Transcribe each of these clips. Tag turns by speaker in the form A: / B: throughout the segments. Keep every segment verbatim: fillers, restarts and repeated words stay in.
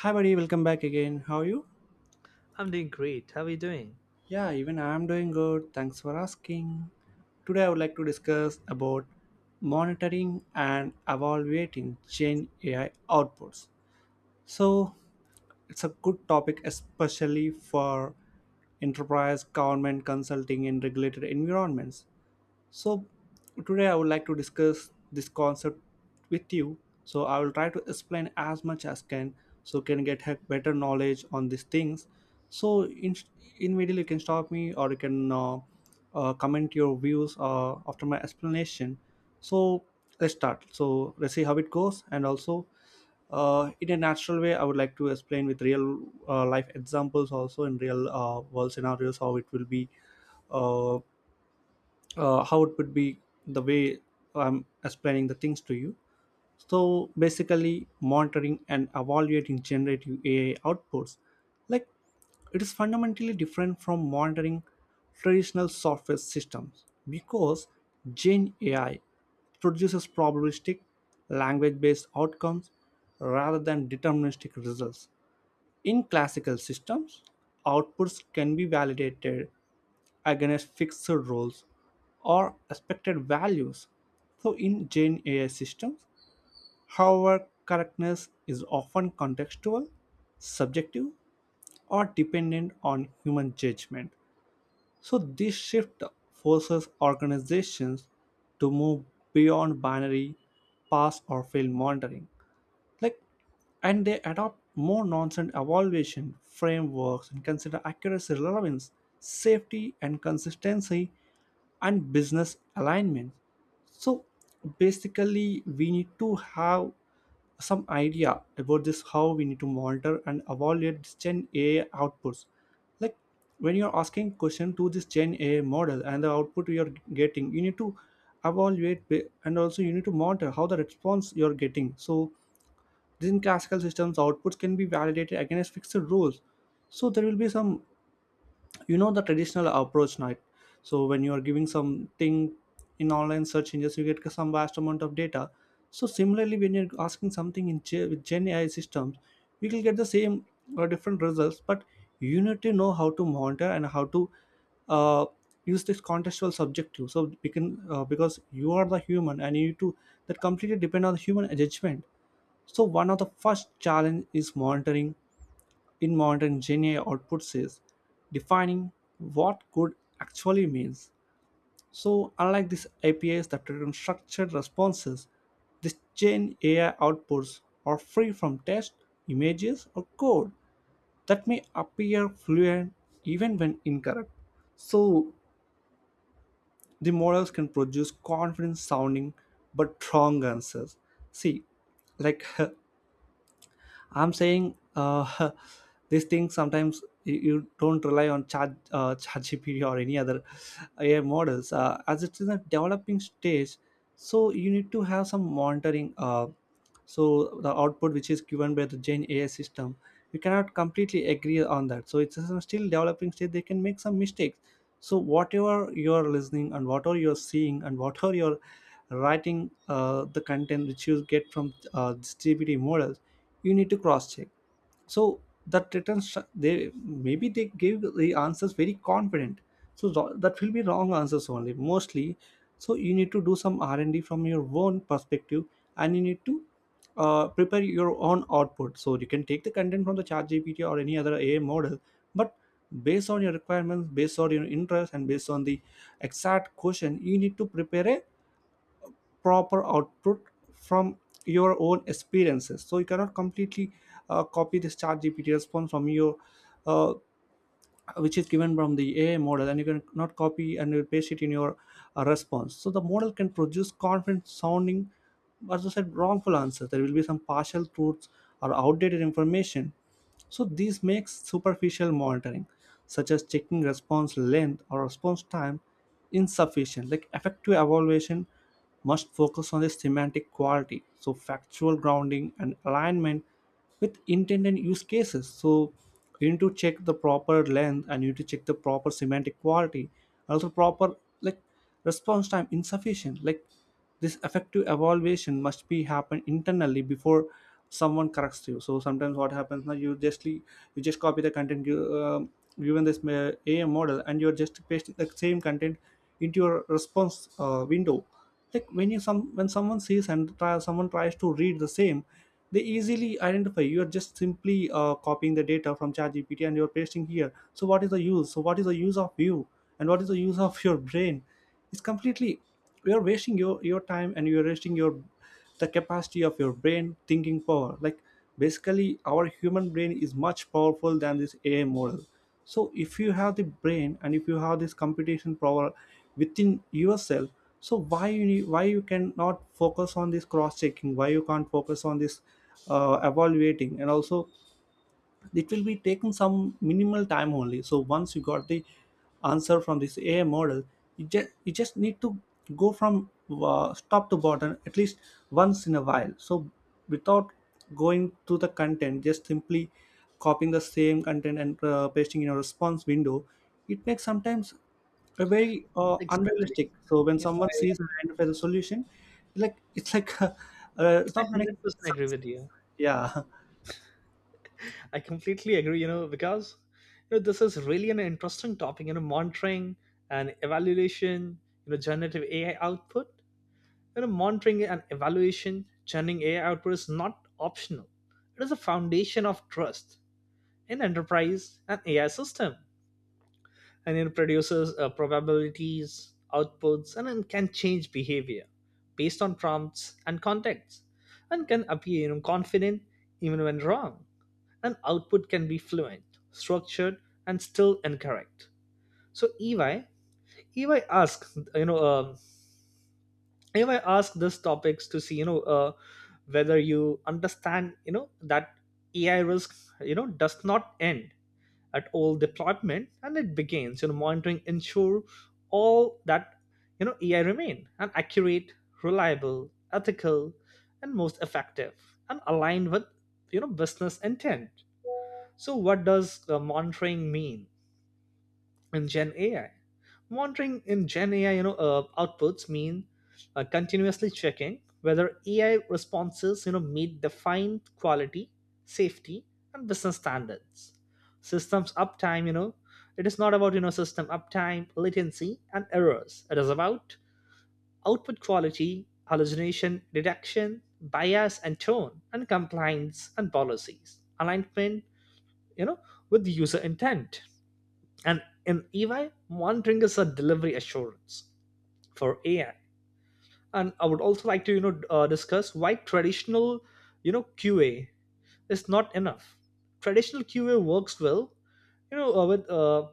A: Hi, buddy, welcome back again. How are you?
B: I'm doing great. How are you doing?
A: Yeah, even I'm doing good. Thanks for asking. Today, I would like to discuss about monitoring and evaluating Gen A I outputs. So, it's a good topic, especially for enterprise, government, consulting, and regulated environments. So, today I would like to discuss this concept with you. So, I will try to explain as much as can so can get have better knowledge on these things. So, in immediately you can stop me or you can uh, uh, comment your views uh, after my explanation. So, let's start. So, let's see how it goes and also uh, in a natural way I would like to explain with real uh, life examples also in real uh, world scenarios how it will be uh, uh, how it would be the way I'm explaining the things to you. So basically, monitoring and evaluating generative A I outputs, like it is fundamentally different from monitoring traditional software systems because Gen A I produces probabilistic, language based outcomes rather than deterministic results. In classical systems, outputs can be validated against fixed roles or expected values. So, in Gen A I systems, however, correctness is often contextual, subjective, or dependent on human judgment. So, this shift forces organizations to move beyond binary pass or fail monitoring, like, and they adopt more nonsense evaluation frameworks and consider accuracy, relevance, safety and consistency, and business alignment. So basically we need to have some idea about this, how we need to monitor and evaluate this gen a I outputs. Like, when you're asking question to this gen a I model and the output you're getting, you need to evaluate ba- and also you need to monitor how the response you're getting. So within classical systems, outputs can be validated against fixed rules. So there will be some, you know, the traditional approach night. So when you are giving something in online search engines, you get some vast amount of data. So similarly, when you're asking something in Ge- with Gen A I systems, we will get the same or different results, but you need to know how to monitor and how to uh, use this contextual subjective, so we can uh, because you are the human and you need to, that completely depend on the human judgment. So one of the first challenge is monitoring, in monitoring Gen A I outputs is defining what good actually means. So unlike these A P Is that return structured responses, these Gen A I outputs are free from text, images, or code that may appear fluent even when incorrect. So the models can produce confident sounding but wrong answers. See, like I'm saying uh, these things, sometimes you, you don't rely on chat uh, ChatGPT or any other A I models uh, as it's in a developing stage. So you need to have some monitoring. Uh, so the output which is given by the Gen A I system, you cannot completely agree on that. So it's a still developing stage. They can make some mistakes. So whatever you're listening and whatever you're seeing and whatever you're writing, uh, the content which you get from uh, this G P T model, you need to cross check. So that returns, they maybe they give the answers very confident, so tho- that will be wrong answers only mostly. So you need to do some r&d from your own perspective, and you need to uh, prepare your own output. So you can take the content from the chat gpt or any other ai model, but based on your requirements, based on your interest, and based on the exact question, you need to prepare a proper output from your own experiences. So you cannot completely uh, copy this chat gpt response from your uh, which is given from the ai model, and you can not copy and you paste it in your uh, response. So the model can produce confident sounding, as I said, wrongful answers. There will be some partial truths or outdated information. So this makes superficial monitoring, such as checking response length or response time, insufficient. Like, effective evaluation must focus on the semantic quality, so factual grounding and alignment with intended use cases. So you need to check the proper length and you need to check the proper semantic quality, also proper, like like response time insufficient. Like, this effective evaluation must be happen internally before someone corrects you. So sometimes what happens now, you justly, you just copy the content you um, given this ma- am model, and you're just pasting the same content into your response uh, window. Like, when you some, when someone sees and try, someone tries to read the same, they easily identify you are just simply uh, copying the data from ChatGPT and you're pasting here. So what is the use? So what is the use of you, and what is the use of your brain? It's completely, you're wasting your your time and you're wasting your, the capacity of your brain thinking power. Like, basically, our human brain is much powerful than this ai model. So if you have the brain and if you have this computation power within yourself, so why you need, why you cannot focus on this cross checking, why you can't focus on this uh, evaluating? And also it will be taking some minimal time only. So once you got the answer from this ai model, you just you just need to go from uh, top to bottom at least once in a while. So without going to the content, just simply copying the same content and uh, pasting in a response window, it makes sometimes a very uh,
B: Exactly.
A: unrealistic. So when
B: You
A: someone
B: know, I,
A: sees and identifies a solution, like it's like uh, it's
B: I
A: not make
B: one hundred percent agree
A: sense.
B: with you.
A: Yeah.
B: I completely agree, you know, because you know, this is really an interesting topic, you know, monitoring and evaluation, you know, generative A I output. You know, monitoring and evaluation, generating A I output is not optional. It is a foundation of trust in enterprise and A I system. and it produces uh, probabilities, outputs, and then can change behavior based on prompts and context, and can appear you know, confident even when wrong. And output can be fluent, structured, and still incorrect. So E Y, E Y asks, you know, um E Y asks these topics to see, you know, uh, whether you understand, you know, that A I risk, you know, does not end at all deployment, and it begins you know monitoring ensure all that you know AI remain an accurate, reliable, ethical, and most effective, and aligned with you know business intent. So what does uh, monitoring mean in Gen A I? Monitoring in Gen A I, you know, uh, outputs mean uh, continuously checking whether A I responses, you know, meet defined quality, safety, and business standards. Systems uptime, you know, it is not about you know system uptime, latency, and errors. It is about output quality, hallucination detection, bias and tone, and compliance and policies alignment. You know, with the user intent. And in E Y, monitoring is a delivery assurance for A I. And I would also like to, you know, uh, discuss why traditional, you know, Q A is not enough. Traditional Q A works well, you know, uh, with a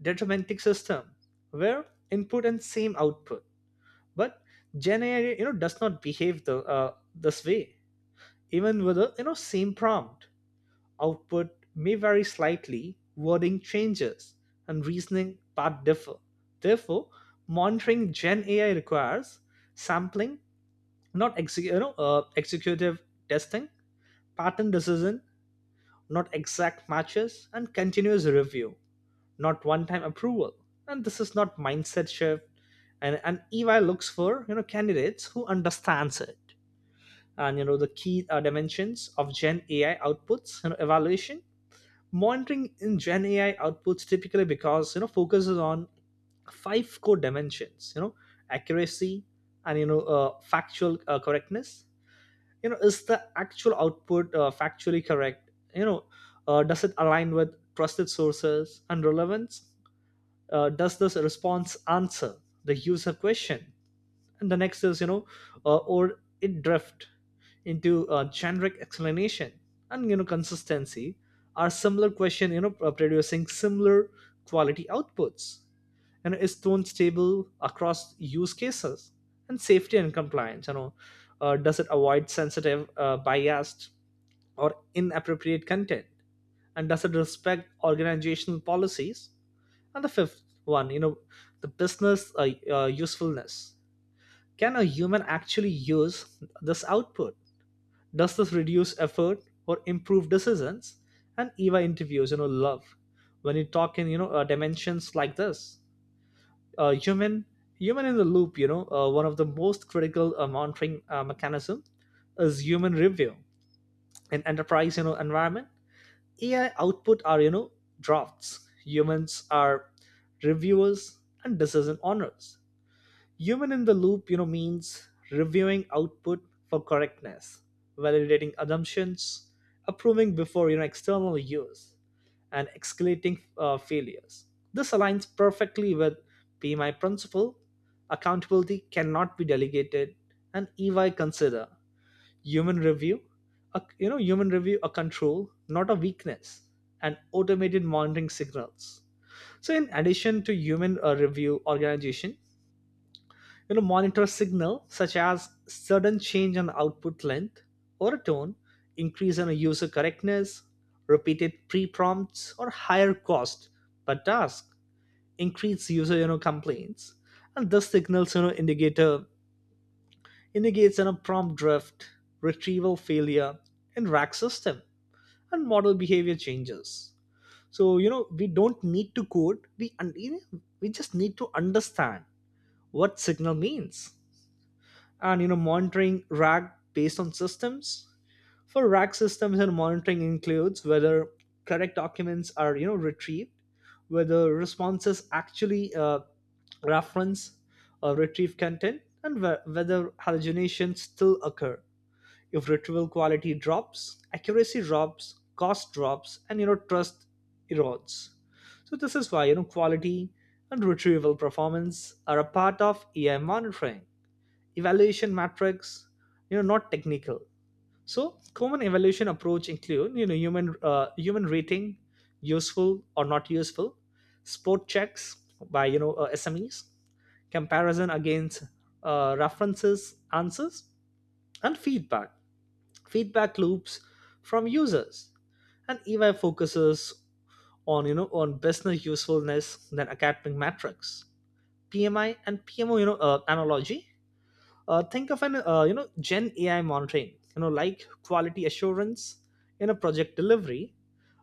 B: deterministic system where input and same output. But Gen A I, you know, does not behave the uh, this way, even with a you know same prompt. output may vary slightly, wording changes, and reasoning path differ. Therefore, monitoring Gen A I requires sampling, not exe- you know, uh, executive testing, pattern decision, not exact matches, and continuous review, not one-time approval. And this is not mindset shift. And, and E Y looks for you know candidates who understands it. And you know the key uh, dimensions of Gen A I outputs, you know, evaluation, monitoring in gen ai outputs typically because you know focuses on five core dimensions, you know accuracy and you know uh, factual uh, correctness. You know is the actual output uh, factually correct? You know uh, does it align with trusted sources? And relevance, uh, does this response answer the user question? And the next is, you know, uh, or it drift into uh, generic explanation. And, you know, consistency, are similar question, you know, uh, producing similar quality outputs? And is tone stable across use cases? And safety and compliance, you know, uh, does it avoid sensitive, uh, biased, or inappropriate content? And does it respect organizational policies? And the fifth one, you know, the business uh, uh, usefulness, can a human actually use this output? Does this reduce effort or improve decisions? And E Y interviews, you know, love when you talk in you know uh, dimensions like this. Uh, human human in the loop, you know, uh, one of the most critical uh, monitoring uh, mechanism is human review in enterprise you know environment. A I output are you know drafts. Humans are reviewers and decision owners. Human in the loop you know means reviewing output for correctness, validating assumptions, approving before you know external use, and escalating uh, failures. This aligns perfectly with PMI principle: accountability cannot be delegated. And EY consider human review a, you know human review a control, not a weakness. And automated monitoring signals, so in addition to human uh, review, organization you know monitor signal such as sudden change in output length or tone, increase in user correctness, repeated pre-prompts or higher cost per task, increase user you know complaints. And this signals you know indicator indicates you know prompt drift, retrieval failure in rack system, and model behavior changes. So you know we don't need to code, we un- we just need to understand what signal means. And you know monitoring rag based on systems, for rag systems, and monitoring includes whether correct documents are you know retrieved, whether responses actually uh, reference or retrieve content, and whe- whether hallucinations still occur. If retrieval quality drops, accuracy drops, cost drops, and you know trust erodes. So this is why you know quality and retrieval performance are a part of AI monitoring evaluation matrix, you know not technical. So common evaluation approach include you know human uh, human rating, useful or not useful, spot checks by you know uh, smes, comparison against uh, references answers, and feedback feedback loops from users. And EY focuses on you know on business usefulness than academic metrics. PMI and PMO, you know uh, analogy, uh, think of an uh, you know Gen AI monitoring, you know like quality assurance in a project delivery,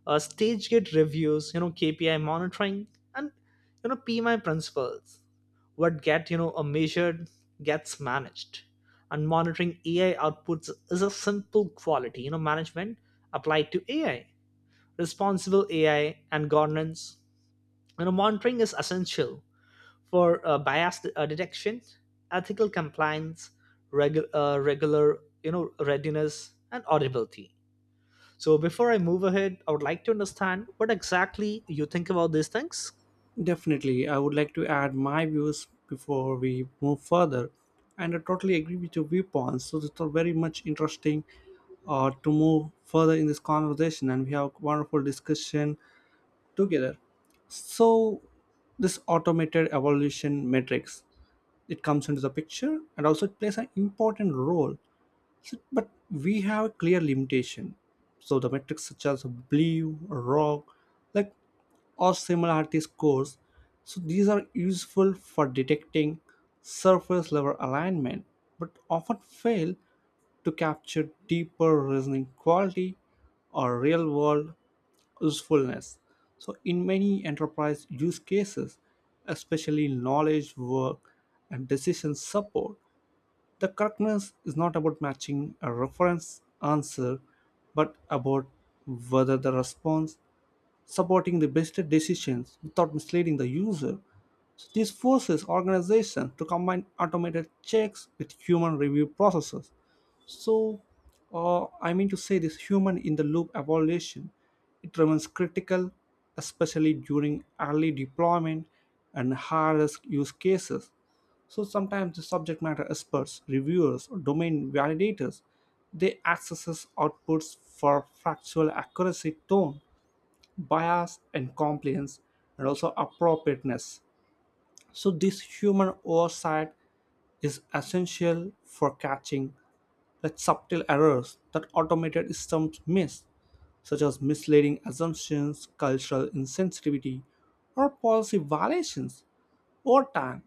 B: uh, stage gate reviews, you know KPI monitoring. And you know PMI principles, what get you know a measured gets managed. And monitoring AI outputs is a simple quality you know management applied to AI, responsible AI and governance. You know monitoring is essential for uh, bias de- uh, detection, ethical compliance, regu- uh, regular you know readiness, and audibility. So before I move ahead, I would like to understand what exactly you think about these things.
A: Definitely, I would like to add my views before we move further. And I totally agree with your viewpoints. So, it's all very much interesting uh, to move further in this conversation, and we have a wonderful discussion together. So, this automated evolution matrix, it comes into the picture, and also it plays an important role, but we have a clear limitation. So the metrics such as blue, rock, like, or similarity scores. So these are useful for detecting surface level alignment, but often fail to capture deeper reasoning quality or real world usefulness. So, in many enterprise use cases, especially knowledge work and decision support, the correctness is not about matching a reference answer but about whether the response supporting the best decisions without misleading the user. So this forces organizations to combine automated checks with human review processes. So, uh, I mean to say this human in the loop evaluation, it remains critical, especially during early deployment and high risk use cases. So sometimes the subject matter experts, reviewers, or domain validators, they access outputs for factual accuracy, tone, bias and compliance, and also appropriateness. So this human oversight is essential for catching the subtle errors that automated systems miss, such as misleading assumptions, cultural insensitivity, or policy violations over time.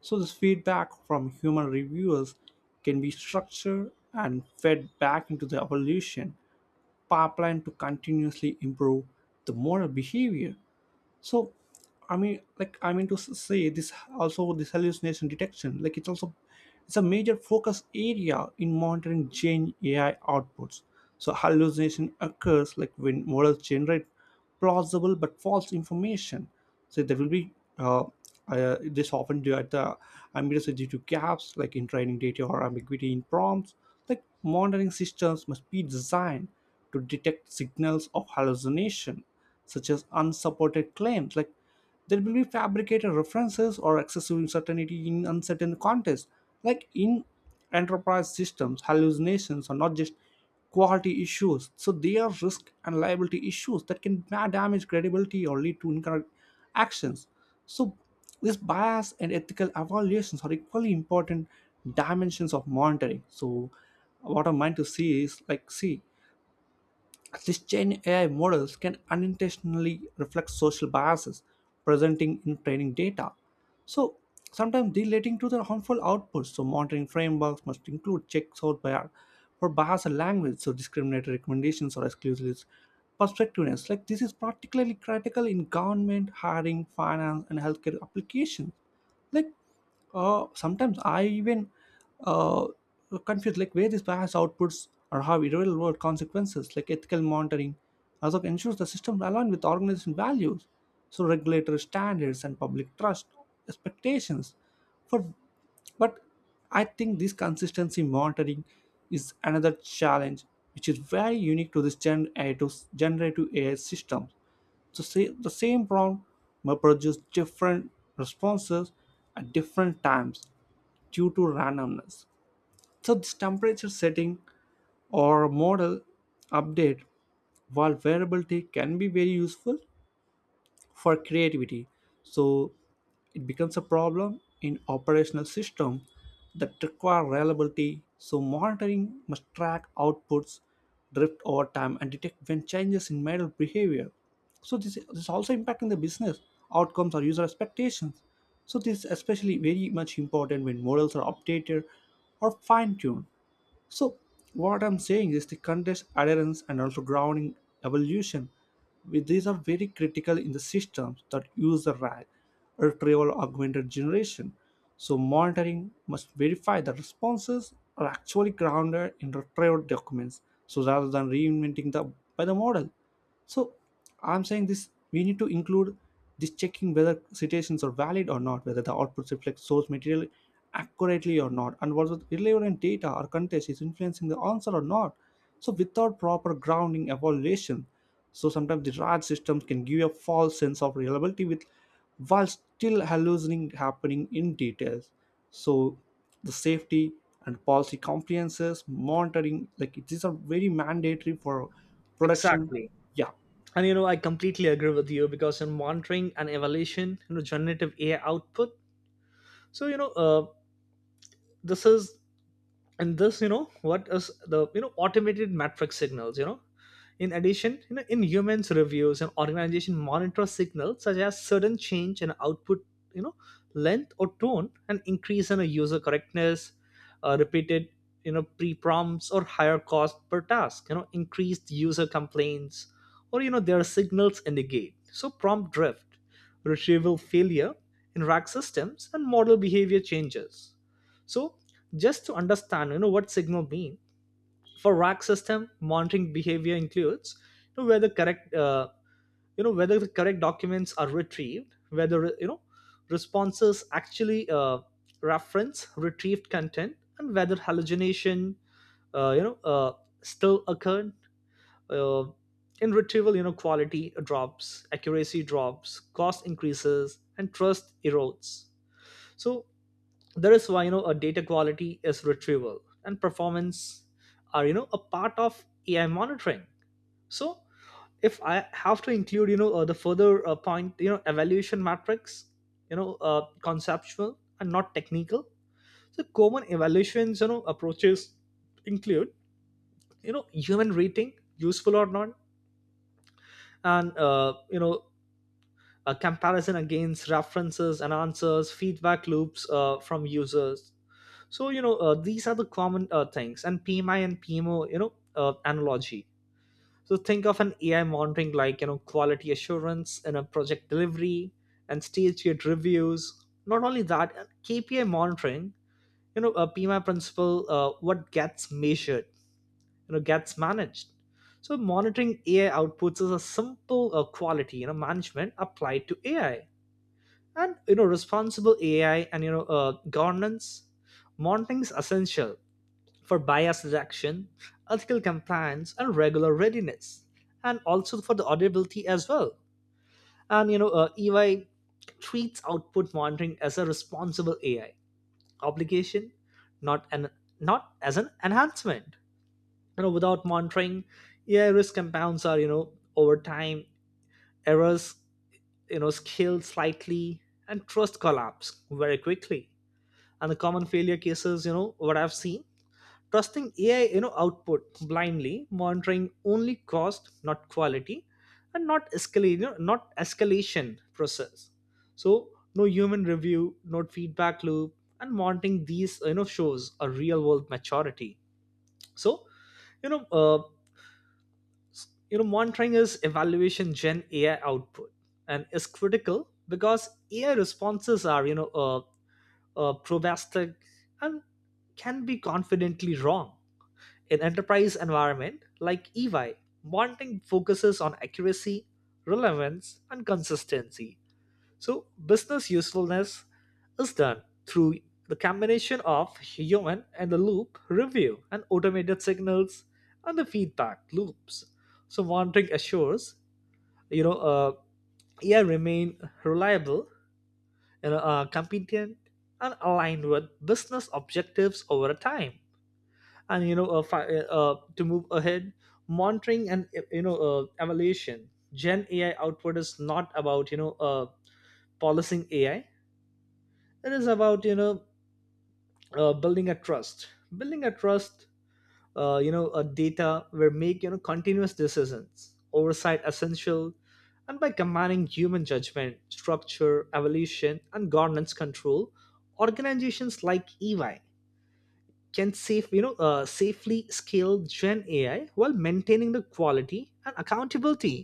A: So this feedback from human reviewers can be structured and fed back into the evolution pipeline to continuously improve the model behavior. So i mean like i mean to s- say this, also this hallucination detection, like it's also, it's a major focus area in monitoring gen ai outputs. So hallucination occurs like when models generate plausible but false information. So there will be uh, uh, this often due at the ambiguity, due to gaps like in training data or ambiguity in prompts. Like. Like monitoring systems must be designed to detect signals of hallucination, such as unsupported claims. Like, there will be fabricated references or excessive uncertainty in uncertain contexts. Like in enterprise systems, hallucinations are not just quality issues. So they are risk and liability issues that can ma- damage credibility or lead to incorrect actions. So this bias and ethical evaluations are equally important dimensions of monitoring. So, what I'm meant to see is like, see, these Christian A I models can unintentionally reflect social biases presenting in training data. So sometimes relating to their harmful outputs. So monitoring frameworks must include checks out by for bias in language, so discriminatory recommendations or exclusive perspectiveness. Like, this is particularly critical in government, hiring, finance, and healthcare applications. Like, uh, sometimes I even uh, confuse like where these bias outputs or have real world consequences. Like, ethical monitoring also ensures the system align with organization values, so regulatory standards and public trust expectations for, but I think this consistency monitoring is another challenge which is very unique to this gen A I to generative ai systems. The, sa- the same prompt may produce different responses at different times due to randomness. So, this temperature setting or model update, while variability can be very useful for creativity. So it becomes a problem in operational system that require reliability. So monitoring must track outputs, drift over time, and detect when changes in model behavior. So this, this is also impacting the business outcomes or user expectations. So this is especially very much important when models are updated or fine-tuned. So, what I'm saying is the context, adherence, and also grounding evolution. we- These are very critical in the systems that use the R A G, retrieval augmented generation. So, monitoring must verify that responses are actually grounded in retrieved documents, so rather than reinventing the by the model. So I'm saying this we need to include this checking whether citations are valid or not, whether the outputs reflect source material accurately or not, and whether relevant data or context is influencing the answer or not. So without proper grounding evaluation, so sometimes the rag systems can give a false sense of reliability with while still hallucinating happening in details. So the safety and policy compliances, monitoring, like these are very mandatory for production,
B: Exactly.
A: yeah,
B: And you know, I completely agree with you because in monitoring and evaluation, you know, generative A I output. So you know, uh, this is, and this you know what is the you know automated metric signals. You know, In addition, you know, in humans reviews and organization monitor signals such as sudden change in output, you know, length or tone, and increase in a user correctness, uh, repeated, you know, pre-prompts or higher cost per task, you know, increased user complaints, or you know, their signals indicate. So prompt drift, retrieval failure in rack systems, and model behavior changes. So just to understand, you know, what signal means for rack system monitoring behavior includes, you know, whether correct uh, you know whether the correct documents are retrieved, whether you know responses actually uh, reference retrieved content, and whether hallucination uh, you know uh, still occurred uh, in retrieval. You know quality drops, accuracy drops, cost increases, and trust erodes. So that is why you know a data quality is retrieval and performance are you know a part of AI monitoring. So if I have to include you know uh, the further uh, point, you know evaluation matrix, you know uh, conceptual and not technical. So common evaluations you know approaches include you know human rating, useful or not, and uh, you know a comparison against references and answers, feedback loops uh, from users. So you know uh, these are the common uh, things, and P M I and P M O, you know, uh, analogy. So think of an A I monitoring like you know quality assurance in a project delivery and stage gate reviews. Not only that, uh, K P I monitoring. You know, a P M I principle: Uh, what gets measured, you know, gets managed. So monitoring A I outputs is a simple uh, quality you know management applied to A I, and you know responsible A I and you know uh, governance monitoring is essential for bias detection, ethical compliance, and regular readiness, and also for the auditability as well. And you know, uh, E Y treats output monitoring as a responsible A I obligation, not an not as an enhancement. You know, without monitoring, A I risk compounds are you know over time, errors you know scale slightly, and trust collapse very quickly. And the common failure cases, you know, what I've seen: trusting AI you know output blindly, monitoring only cost not quality, and not escalate you know, not escalation process. So no human review, no feedback loop, and monitoring these you know shows a real world maturity. So you know uh, s- you know monitoring is evaluation Gen AI output and is critical because AI responses are you know uh, uh, probastic and can be confidently wrong in enterprise environment like E Y, bonding focuses on accuracy, relevance, and consistency. So business usefulness is done through the combination of human and the loop review and automated signals and the feedback loops. So monitoring assures you know uh, A I remain reliable, you know, uh, competent, and aligned with business objectives over time. And you know uh, fi- uh, uh, to move ahead, monitoring and uh, you know uh, evaluation Gen AI output is not about you know uh, policing AI. It is about you know uh, building a trust building a trust, uh, you know a data where make you know continuous decisions oversight essential. And by combining human judgment, structure evolution, and governance control, organizations like EY can safe you know uh, safely scale Gen AI while maintaining the quality and accountability.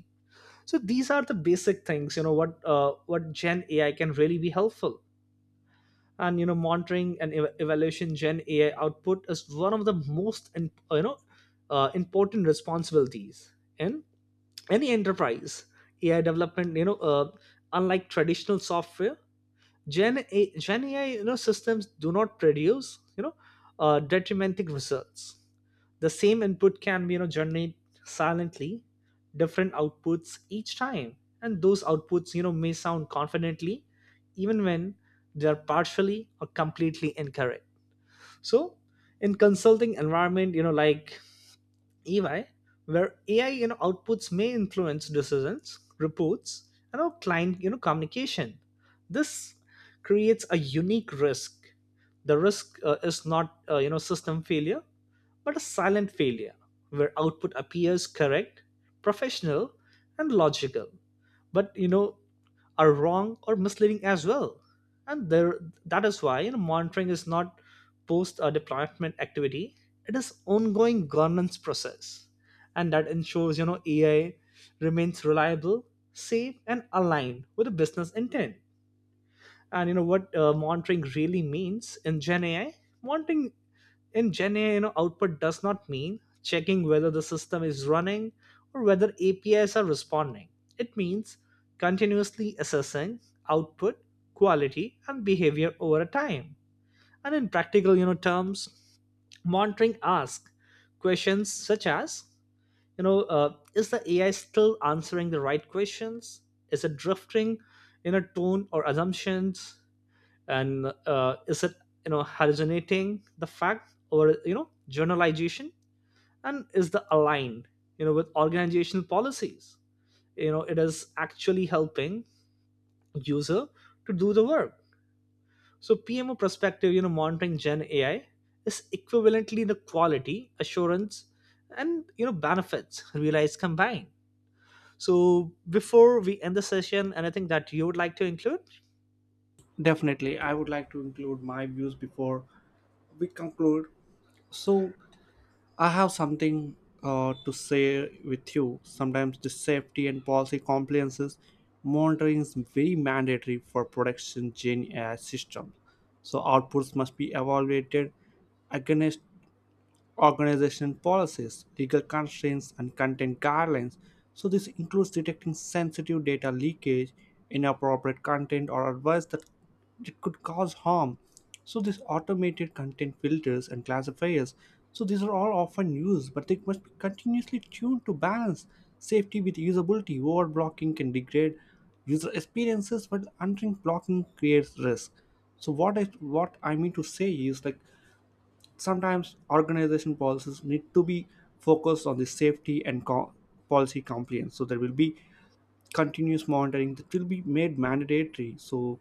B: So these are the basic things you know what uh, what Gen AI can really be helpful. And you know monitoring and ev- evaluation Gen AI output is one of the most in, you know uh, important responsibilities in any enterprise AI development. You know uh, unlike traditional software, gen, A- gen ai you know systems do not produce you know uh, detrimental results. The same input can you know generate silently different outputs each time, and those outputs you know may sound confidently even when they are partially or completely incorrect. So in consulting environment you know like EY, where AI you know outputs may influence decisions, reports, and our client you know communication, this creates a unique risk. The risk uh, is not uh, you know system failure, but a silent failure, where output appears correct, professional, and logical, but you know are wrong or misleading as well. And there, that is why you know, monitoring is not post uh, deployment activity; it is ongoing governance process, and that ensures you know A I remains reliable, safe, and aligned with the business intent. And you know what uh, monitoring really means in Gen A I? Monitoring in Gen AI you know output does not mean checking whether the system is running or whether apis are responding. It means continuously assessing output quality and behavior over a time. And in practical you know terms, monitoring asks questions such as: you know uh, is the AI still answering the right questions? Is it drifting in a tone or assumptions? And uh, is it you know hallucinating the fact or you know generalization? And is the aligned you know with organizational policies? You know it is actually helping user to do the work. So PMO perspective, you know monitoring Gen AI is equivalently the quality assurance and you know benefits realized combined. So before we end the session, anything that you would like to include?
A: definitely. I would like to include my views before we conclude. So, I have something uh, to say with you. Sometimes the safety and policy compliances monitoring is very mandatory for production Gen A I systems. So, outputs must be evaluated against organization policies, legal constraints, and content guidelines. So, this includes detecting sensitive data leakage, inappropriate content, or advice that it could cause harm. So, these automated content filters and classifiers. So, these are all often used, but they must be continuously tuned to balance safety with usability. Over blocking can degrade user experiences, but untrained blocking creates risk. So, what I what I mean to say is like sometimes organization policies need to be focused on the safety and co- policy compliance, so there will be continuous monitoring that will be made mandatory, so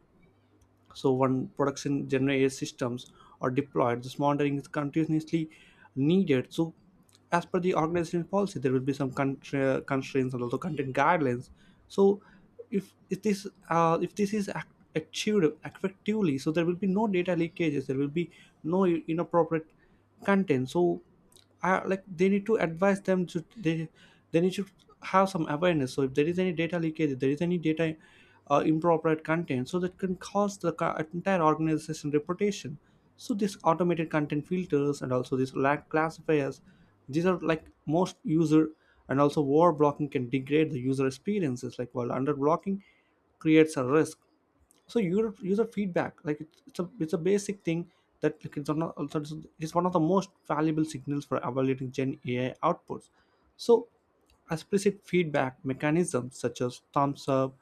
A: so when production general A I systems are deployed, this monitoring is continuously needed. So as per the organization policy, there will be some contra- constraints and also content guidelines. So if, if this uh, if this is ac- achieved effectively, so there will be no data leakages. There will be no inappropriate content. So uh, like they need to advise them to they they need to have some awareness, so if there is any data leakage, if there is any data uh, improper content, so that can cost the ca- entire organization reputation. So this automated content filters and also these lag classifiers, these are like most user, and also war blocking can degrade the user experiences like while under blocking creates a risk. So user, user feedback like it's, it's a it's a basic thing that like, it's one of, also it's it's one of the most valuable signals for evaluating gen ai outputs. So explicit feedback mechanisms such as thumbs up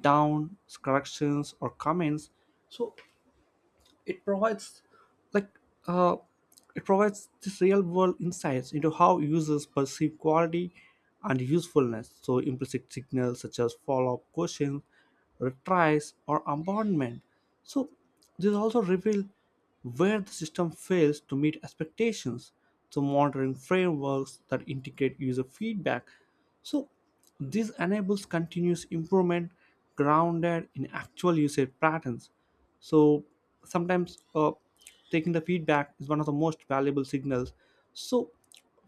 A: down, corrections or comments. So it provides like uh, it provides this real world insights into how users perceive quality and usefulness. So implicit signals such as follow-up questions, retries or abandonment. So this also reveal where the system fails to meet expectations, so monitoring frameworks that integrate user feedback. So this enables continuous improvement grounded in actual usage patterns. So sometimes uh, taking the feedback is one of the most valuable signals. So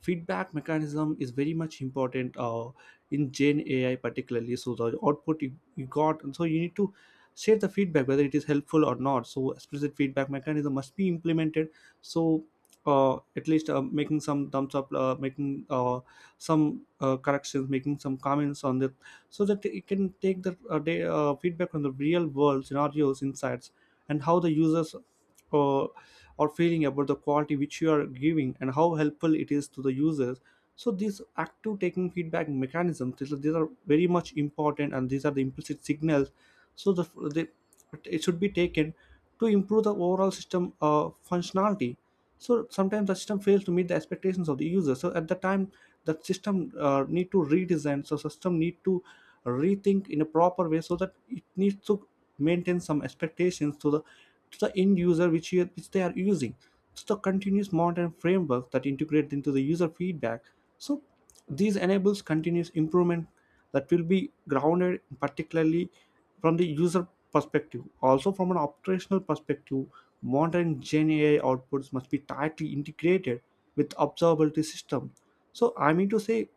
A: feedback mechanism is very much important uh, in gen ai particularly, so the output you, you got, and so you need to share the feedback whether it is helpful or not. So explicit feedback mechanism must be implemented. So uh, at least uh, making some thumbs up, uh, making uh, some uh, corrections, making some comments on that, so that it can take the uh, day, uh, feedback from the real world scenarios insights and how the users or, or feeling about the quality which you are giving and how helpful it is to the users. So these active taking feedback mechanisms, these are, these are very much important, and these are the implicit signals. So the, the it should be taken to improve the overall system uh, functionality. So sometimes the system fails to meet the expectations of the user, so at the time the system uh, need to redesign, so system need to rethink in a proper way so that it needs to maintain some expectations to the to the end user which, you, which they are using. So the continuous monitoring framework that integrates into the user feedback. So these enables continuous improvement that will be grounded particularly from the user perspective. Also from an operational perspective, modern Gen A I outputs must be tightly integrated with observability system. So I mean to say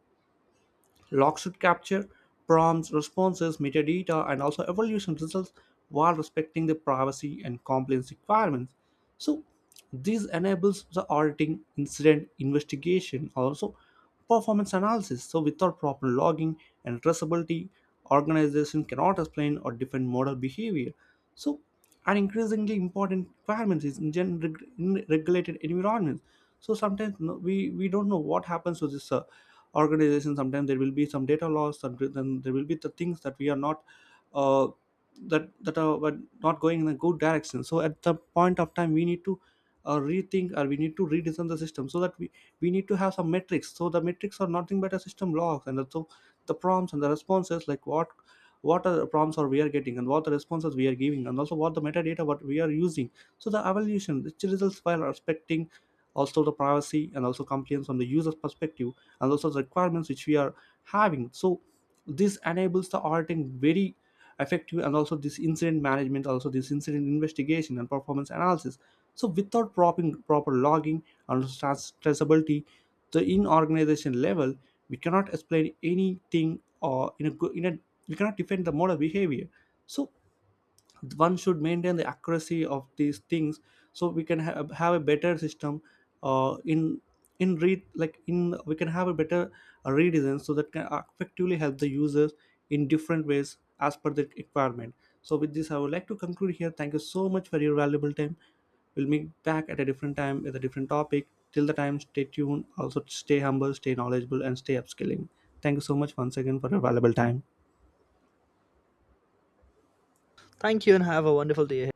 A: logs should capture prompts, responses, metadata, and also evaluation results while respecting the privacy and compliance requirements. So this enables the auditing, incident investigation, also performance analysis. So without proper logging and traceability, organization cannot explain or defend model behavior. So an increasingly important requirement is in, gen- reg- in regulated environments. So sometimes no, we we don't know what happens to this uh, organization. Sometimes there will be some data loss, sometimes then there will be the things that we are not uh, that that are were not going in a good direction, so at the point of time we need to uh, rethink or we need to redesign the system, so that we we need to have some metrics. So the metrics are nothing but a system logs, and so the prompts and the responses, like what what are the prompts or we are getting and what the responses we are giving, and also what the metadata what we are using, so the evaluation which results while respecting also the privacy and also compliance from the user's perspective, and also the requirements which we are having. So this enables the auditing very effective, and also this incident management, also this incident investigation and performance analysis. So without proper proper logging and stress- traceability, the in organization level, we cannot explain anything or in a good in a, we cannot defend the model behavior. So one should maintain the accuracy of these things, so we can ha- have a better system uh, in in read like in we can have a better uh, redesign, so that can effectively help the users in different ways as per the requirement. So with this I would like to conclude here. Thank you so much for your valuable time. We'll meet back at a different time with a different topic. Till the time, stay tuned, also stay humble, stay knowledgeable, and stay upskilling. Thank you so much once again for your valuable time.
B: Thank you and have a wonderful day ahead.